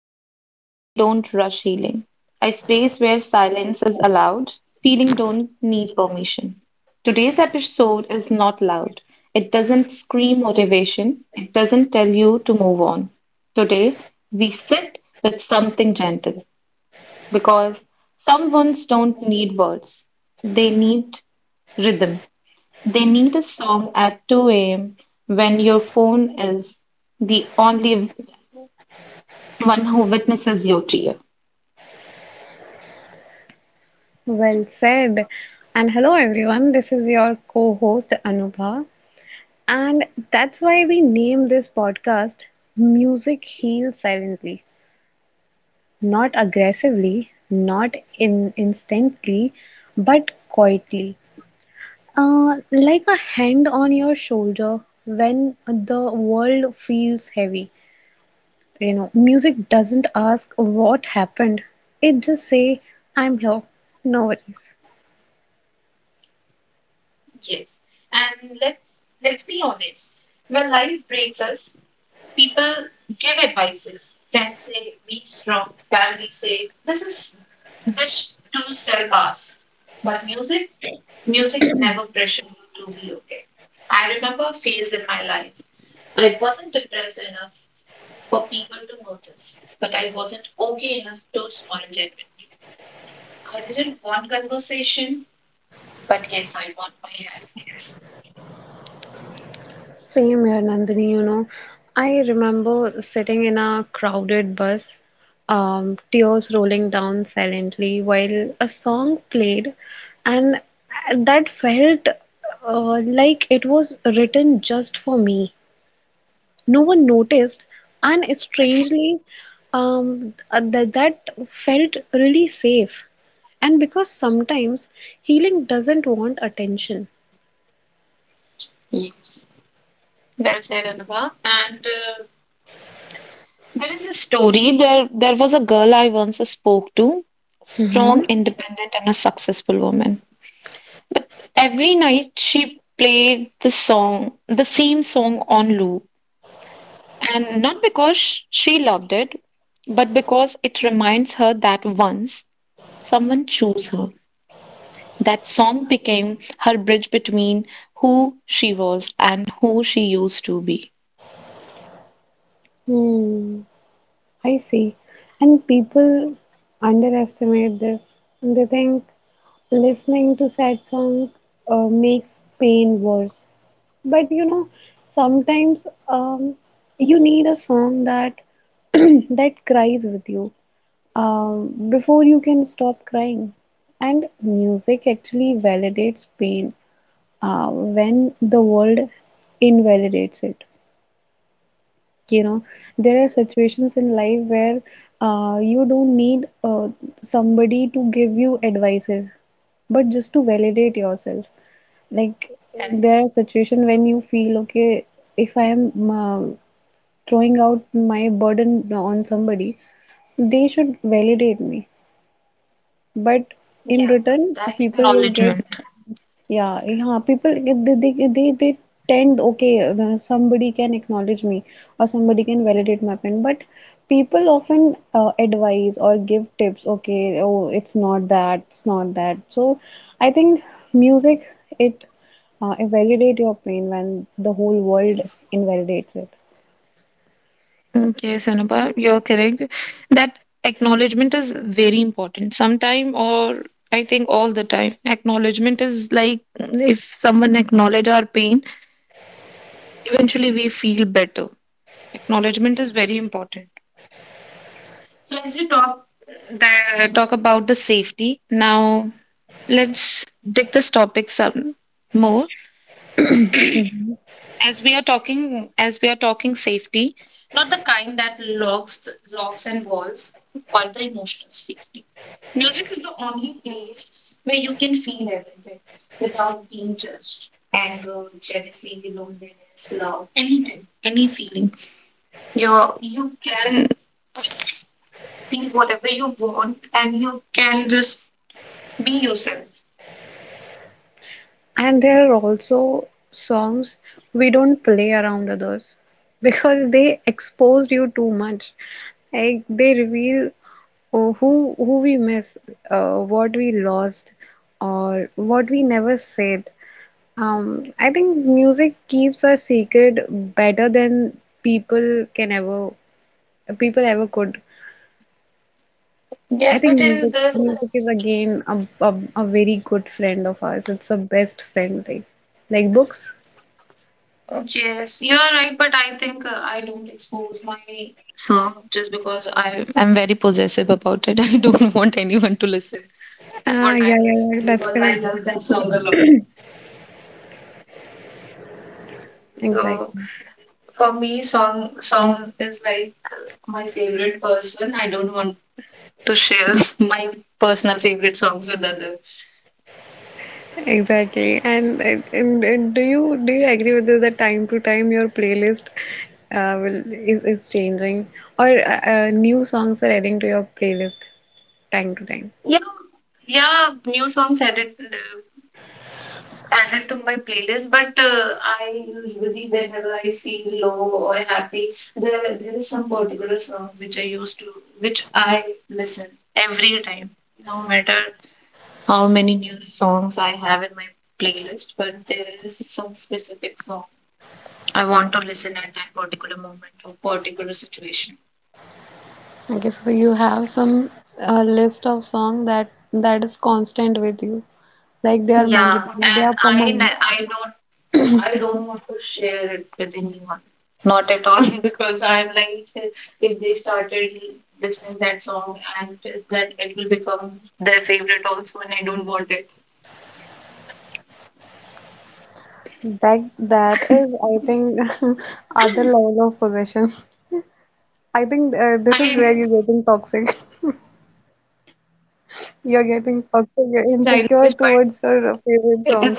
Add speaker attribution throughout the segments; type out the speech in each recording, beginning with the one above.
Speaker 1: Space where we don't rush healing, a space where silence is allowed, feeling don't need permission. Today's episode is not loud. It doesn't scream motivation. It doesn't tell you to move on. Today, we sit with something gentle because some wounds don't need words. They need rhythm. They need a song at 2 a.m. when your phone is the only one who witnesses your tear.
Speaker 2: Well said. And hello, everyone. This is your co host, Anubha. And that's why we name this podcast Music Heals Silently. Not aggressively, not in- instantly, but quietly. Like a hand on your shoulder when the world feels heavy. You know, music doesn't ask what happened, it just say, I'm here. No worries.
Speaker 1: Yes. And let's be honest. When life breaks us, people give advices. Friends say be strong. Family say this too shall pass. But music never pressured me to be okay. I remember a phase in my life. I wasn't depressed enough for people to notice, but I wasn't okay enough to spoil it with you. I didn't want conversation. But yes, I want my headphones.
Speaker 2: Same here, Nandini, you know. I remember sitting in a crowded bus, tears rolling down silently while a song played, and that felt like it was written just for me. No one noticed, and strangely, that felt really safe. And because sometimes healing doesn't want attention.
Speaker 1: Yes. Well said, Anubha. There is a story. There was a girl I once spoke to, strong,
Speaker 2: Mm-hmm.
Speaker 1: independent, and a successful woman. But every night she played the song, the same song on loop. And not because she loved it, but because it reminds her that once someone chose her. That song became her bridge between who she was and who she used to be.
Speaker 2: I see. And people underestimate this. They think listening to sad song makes pain worse. But you know, sometimes you need a song that that cries with you before you can stop crying. And music actually validates pain when the world invalidates it. You know, there are situations in life where you don't need somebody to give you advices, but just to validate yourself. Like there are situations when you feel okay, if I am throwing out my burden on somebody, they should validate me. But in return people will get
Speaker 1: Acknowledgement.
Speaker 2: yeah, yeah, people they tend okay, somebody can acknowledge me or somebody can validate my pen. But people often advise or give tips, okay, oh it's not that, it's not that. So I think music it validate your pain when the whole world invalidates it.
Speaker 1: Okay, Anubhav, you're correct. That acknowledgement is very important. Sometime, or I think all the time. Acknowledgement is like, if someone acknowledge our pain, eventually we feel better. Acknowledgement is very important. So as you talk that talk about the safety, now let's dig this topic some more. As we are talking safety, not the kind that locks and walls, but the emotional safety. Music is the only place where you can feel everything without being judged: anger, jealousy, loneliness, love, anything, any feeling. You can feel whatever you want, and you can just be yourself.
Speaker 2: And there are also songs we don't play around others because they expose you too much. Like they reveal, oh, who we miss, what we lost, or what we never said. I think music keeps our secret better than people can ever people ever could. I
Speaker 1: Yes, but
Speaker 2: think
Speaker 1: in
Speaker 2: music
Speaker 1: this,
Speaker 2: music is again a very good friend of ours. It's the best friend, like books.
Speaker 1: yes, you are right, but I think I don't expose my song just because I am very possessive about it. I don't want anyone to listen
Speaker 2: Ah,
Speaker 1: what
Speaker 2: yeah,
Speaker 1: I'm
Speaker 2: yeah, yeah,
Speaker 1: listening
Speaker 2: that's
Speaker 1: because I
Speaker 2: correct.
Speaker 1: love that song a lot. So
Speaker 2: Exactly,
Speaker 1: for me, song is like my favorite person. I don't want to share my personal favorite songs with others.
Speaker 2: exactly. And do you agree with this that time to time your playlist will is changing or new songs are adding to your playlist time to time?
Speaker 1: Yeah, yeah, new songs added. Added to my playlist, but I usually, whenever I feel low or happy, there is some particular song which I used to, which I listen every time, no matter how many new songs I have in my playlist, but there is some specific song I want to listen at that particular moment or particular situation.
Speaker 2: Okay, so you have some list of song that is constant with you, like they are
Speaker 1: Yeah,
Speaker 2: mandatory, they
Speaker 1: and
Speaker 2: are permanent.
Speaker 1: I don't, I don't want to share it with anyone. Not at all, because I'm like, if they started listening that song, and that it will become their favorite also, and I don't want it.
Speaker 2: That that is, I think, other level of possession. I think this is where you're getting toxic. You're getting fucked up. You're insecure towards your favorite songs.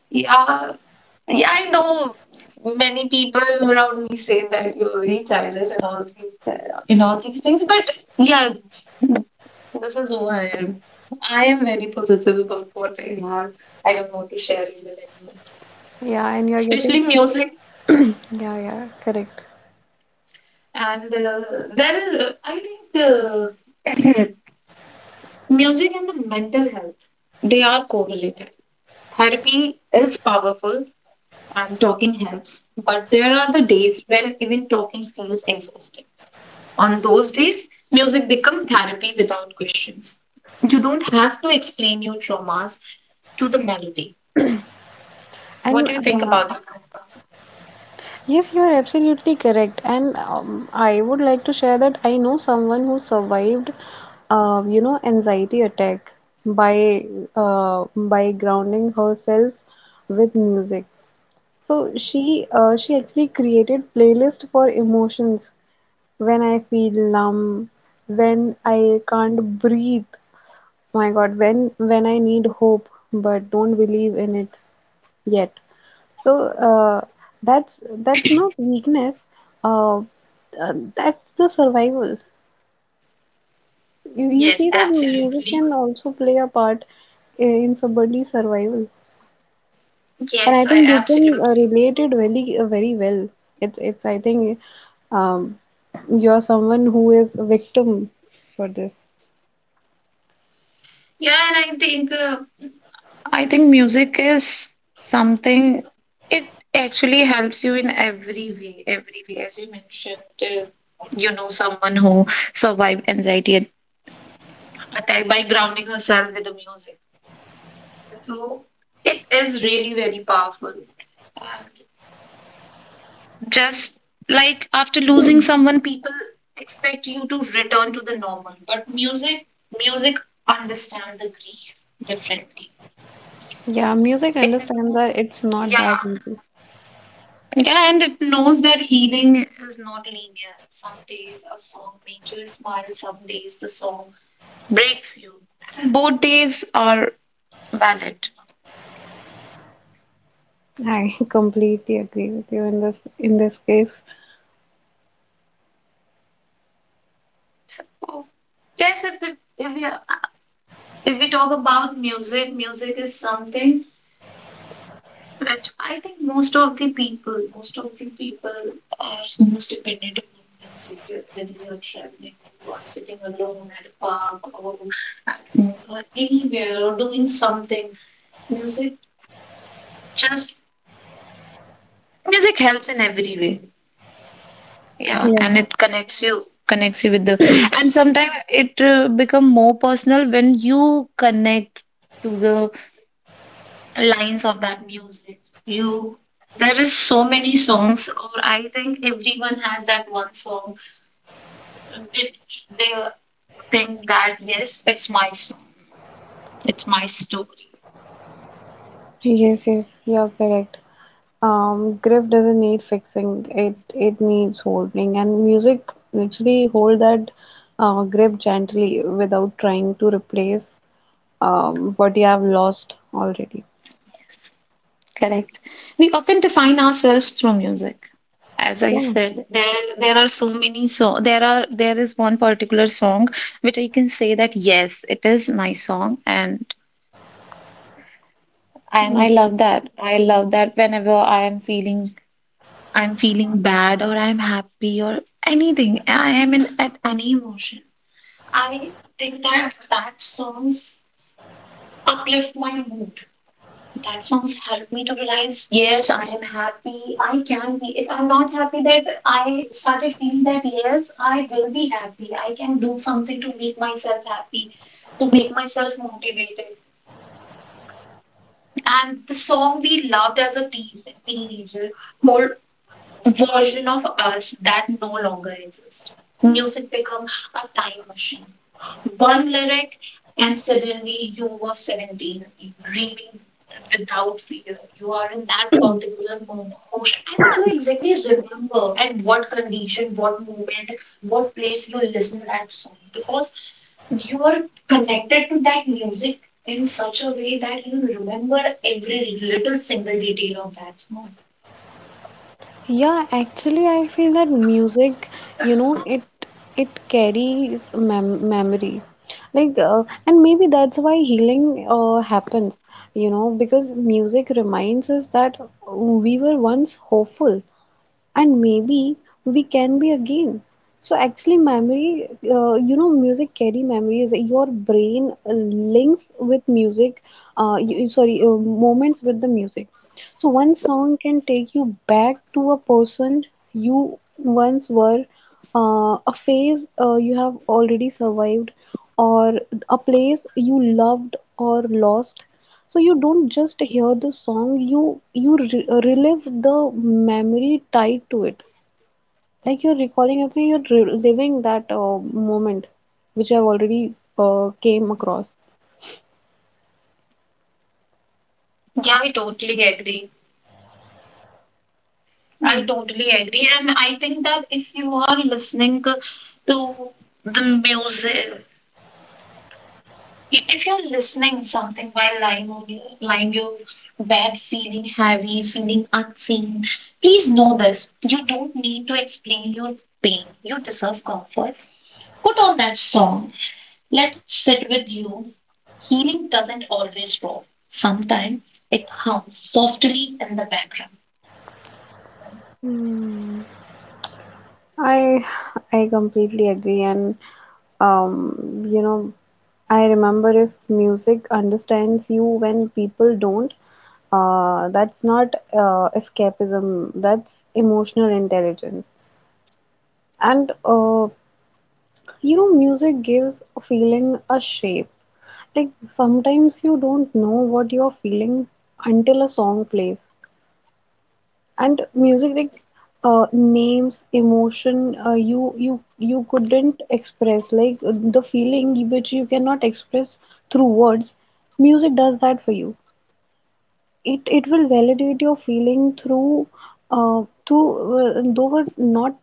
Speaker 1: Yeah, yeah, I know many people around me say that you're very childish and all these things, but yeah, this is who I am. I am very possessive about what I have. I don't want to share it with anyone,
Speaker 2: Yeah, and you're
Speaker 1: especially
Speaker 2: getting.
Speaker 1: music.
Speaker 2: Yeah, yeah, correct.
Speaker 1: And there is, I think, music and the mental health, they are correlated. Therapy is powerful and talking helps, but there are the days when even talking feels exhausting. On those days, music becomes therapy without questions. You don't have to explain your traumas to the melody. What
Speaker 2: And
Speaker 1: do you think about that, Anupam?
Speaker 2: yes, you are absolutely correct. And I would like to share that I know someone who survived, anxiety attack by by grounding herself with music. So she actually created playlist for emotions, when I feel numb, when I can't breathe, my God, when I need hope but don't believe in it yet. So that's not weakness. Uh, that's the survival. You
Speaker 1: Yes,
Speaker 2: see that music
Speaker 1: absolutely.
Speaker 2: can also play a part in somebody's survival, and
Speaker 1: Yes,
Speaker 2: I
Speaker 1: I
Speaker 2: think you can
Speaker 1: absolutely.
Speaker 2: relate it very very well. It's I think um, you're someone who is a victim for this.
Speaker 1: Yeah, and I think music is something, it actually helps you in every way, every way. As you mentioned, uh, you know, someone who survived anxiety attack by grounding herself with the music. So it is really very powerful. And just like after losing someone, people expect you to return to the normal. But music understands the grief differently.
Speaker 2: Yeah, music
Speaker 1: It
Speaker 2: understands that
Speaker 1: knows,
Speaker 2: it's not that
Speaker 1: yeah,
Speaker 2: easy.
Speaker 1: yeah, and it knows that healing is not linear. Some days a song makes you smile. Some days the song breaks you. Both days are valid.
Speaker 2: I completely agree with you in this case.
Speaker 1: So yes, if we are If we talk about music, music is something which I think most of the people, are so much dependent on music. Whether you are traveling, you are sitting alone at a park or at home or anywhere or doing something, music just, music helps in every way. Yeah,
Speaker 2: Yeah.
Speaker 1: and it connects you with the, and sometimes it become more personal when you connect to the lines of that music. You There is so many songs, or I think everyone has that one song which they think that yes, it's my song, it's my story.
Speaker 2: Yes, yes, you're correct. Grief doesn't need fixing. It needs holding, and music literally hold that grip gently without trying to replace what you have lost already.
Speaker 1: Correct. We often define ourselves through music. As I
Speaker 2: Yeah.
Speaker 1: said, there are so many song. There is one particular song which I can say that yes, it is my song, and I love that. I love that whenever I am feeling bad or I'm happy or anything. I am in at any emotion. I think that that songs uplift my mood. That songs help me to realize, yes, I am happy. I can be. If I'm not happy, that I started feeling that yes, I will be happy. I can do something to make myself happy, to make myself motivated. And the song we loved as a teenager, hold version of us that no longer exists. Music become a time machine. One lyric, and suddenly you were 17, dreaming without fear. You are in that particular moment, and you exactly remember at what condition, what moment, what place you listen that song, because you are connected to that music in such a way that you remember every little single detail of that song.
Speaker 2: Yeah, actually, I feel that music, you know, it carries mem memory, and maybe that's why healing happens, you know, because music reminds us that we were once hopeful, and maybe we can be again. So actually memory, you know, music carry memories. Your brain links with music, sorry, moments with the music. So one song can take you back to a person you once were, a phase you have already survived, or a place you loved or lost. So you don't just hear the song, you relive the memory tied to it. Like you're recalling and you're reliving that moment which I've already came across,
Speaker 1: Yeah, I totally agree.
Speaker 2: yeah.
Speaker 1: I totally agree. And I think that if you are listening to the music, if you're listening something while lying on your bed, feeling heavy, feeling unseen, please know this. You don't need to explain your pain. You deserve comfort. Put on that song. Let it sit with you. Healing doesn't always roar. Sometimes it hums softly in the background.
Speaker 2: Hmm. I I completely agree. And you know, I remember if music understands you when people don't, that's not escapism, that's emotional intelligence. And you know, music gives a feeling a shape. Like sometimes you don't know what you're feeling until a song plays. And music like names emotion, you couldn't express, like the feeling which you cannot express through words, music does that for you. It will validate your feeling through through though not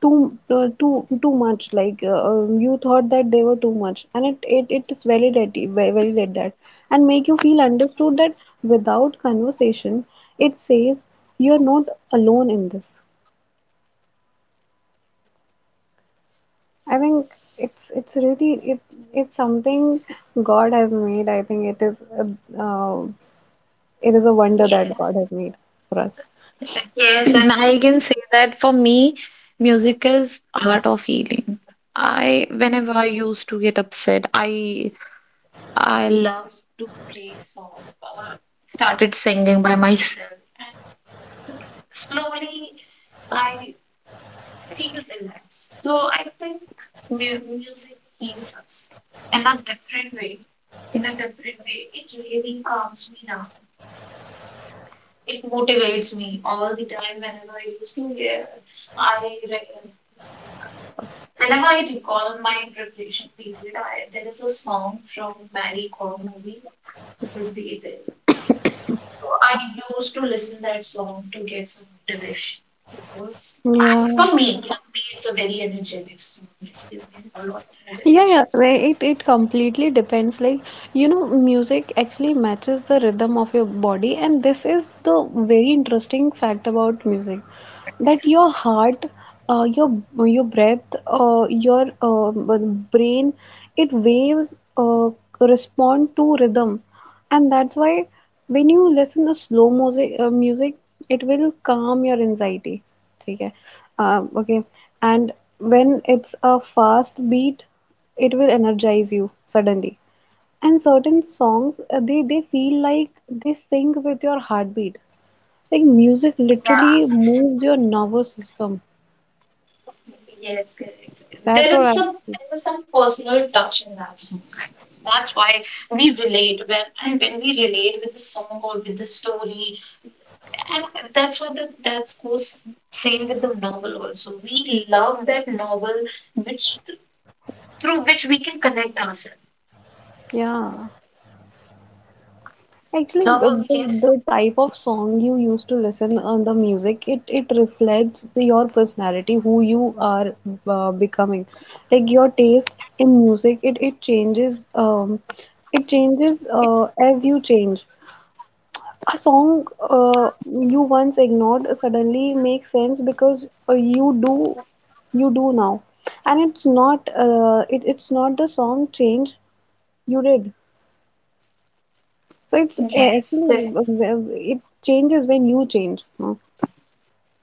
Speaker 2: too, much, like you thought that they were too much, and it is validate validate that and make you feel understood, that without conversation it says you're not alone in this. I think it's really it it's something God has made. I think it is a wonder that God has made for us.
Speaker 1: Yes, and I can say that for me, music is art of healing. I whenever I used to get upset, I love to play song. Started singing by myself, and slowly I feel relaxed. So I think music heals us in a different way. In a different way, it really calms me down. It motivates me all the time whenever I used to hear. I, whenever I recall my preparation period, I, there is a song from Mary Kom movie, Siddhi Dil. So I used to listen that song to get some motivation because I,
Speaker 2: Yeah.
Speaker 1: for me, it's a very energetic song. It's giving me a lot of
Speaker 2: Yeah,
Speaker 1: motivation.
Speaker 2: yeah, right. It completely depends. Like, you know, music actually matches the rhythm of your body, and this is the very interesting fact about music, that your heart, your breath, your brain, it waves respond to rhythm. And that's why when you listen to slow music, it will calm your anxiety, okay, okay. And when it's a fast beat, it will energize you suddenly. And certain songs, they feel like they sync with your heartbeat, like music
Speaker 1: Yeah,
Speaker 2: literally moves your nervous system.
Speaker 1: yes, correct.
Speaker 2: That's
Speaker 1: There
Speaker 2: what I
Speaker 1: is some there is some personal touch in that song. That's why we relate when we relate with the song or with the story, and that's what the that goes same with the novel also. We love that novel which, through which we can connect ourselves.
Speaker 2: yeah. Actually,
Speaker 1: So yes,
Speaker 2: the type of song you used to listen on the music, it reflects your personality, who you are becoming. Like your taste in music, it it changes
Speaker 1: it,
Speaker 2: as you change. A song you once ignored suddenly makes sense because you do now. And it's not it's not the song change, you did. So it's
Speaker 1: yes,
Speaker 2: actually
Speaker 1: correct.
Speaker 2: it changes when you change, no?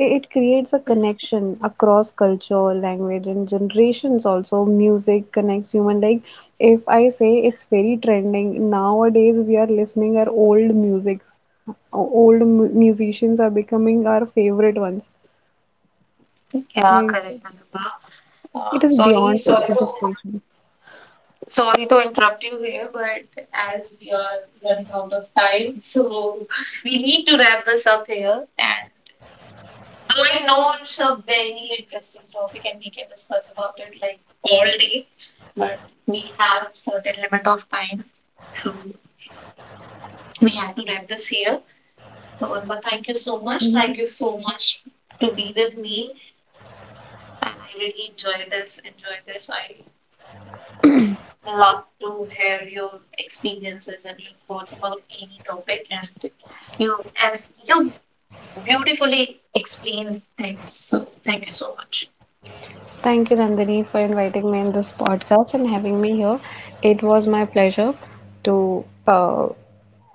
Speaker 2: It creates a connection across culture, language, and generations. Also, music connects human. Like if I say it's very trending nowadays, we are listening our old music. Old musicians are becoming our favorite ones.
Speaker 1: Yeah,
Speaker 2: Like,
Speaker 1: correct, Anubha.
Speaker 2: it is
Speaker 1: Sorry,
Speaker 2: beyond
Speaker 1: sorry
Speaker 2: a
Speaker 1: to
Speaker 2: generation.
Speaker 1: sorry to interrupt you here, but as we are running out of time, so we need to wrap this up here. And though I know it's a very interesting topic and we can discuss about it like all day, but we have certain limit of time. So we had to wrap this here. So Urma, thank you so much.
Speaker 2: Mm-hmm.
Speaker 1: Thank you so much to be with me. And I really enjoy this. I love to hear your experiences and your thoughts about any topic, and you, as you beautifully explain things. So thank you so much.
Speaker 2: Thank you, Nandini, for inviting me in this podcast and having me here. It was my pleasure to uh,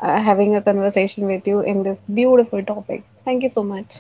Speaker 2: uh, having a conversation with you in this beautiful topic. Thank you so much.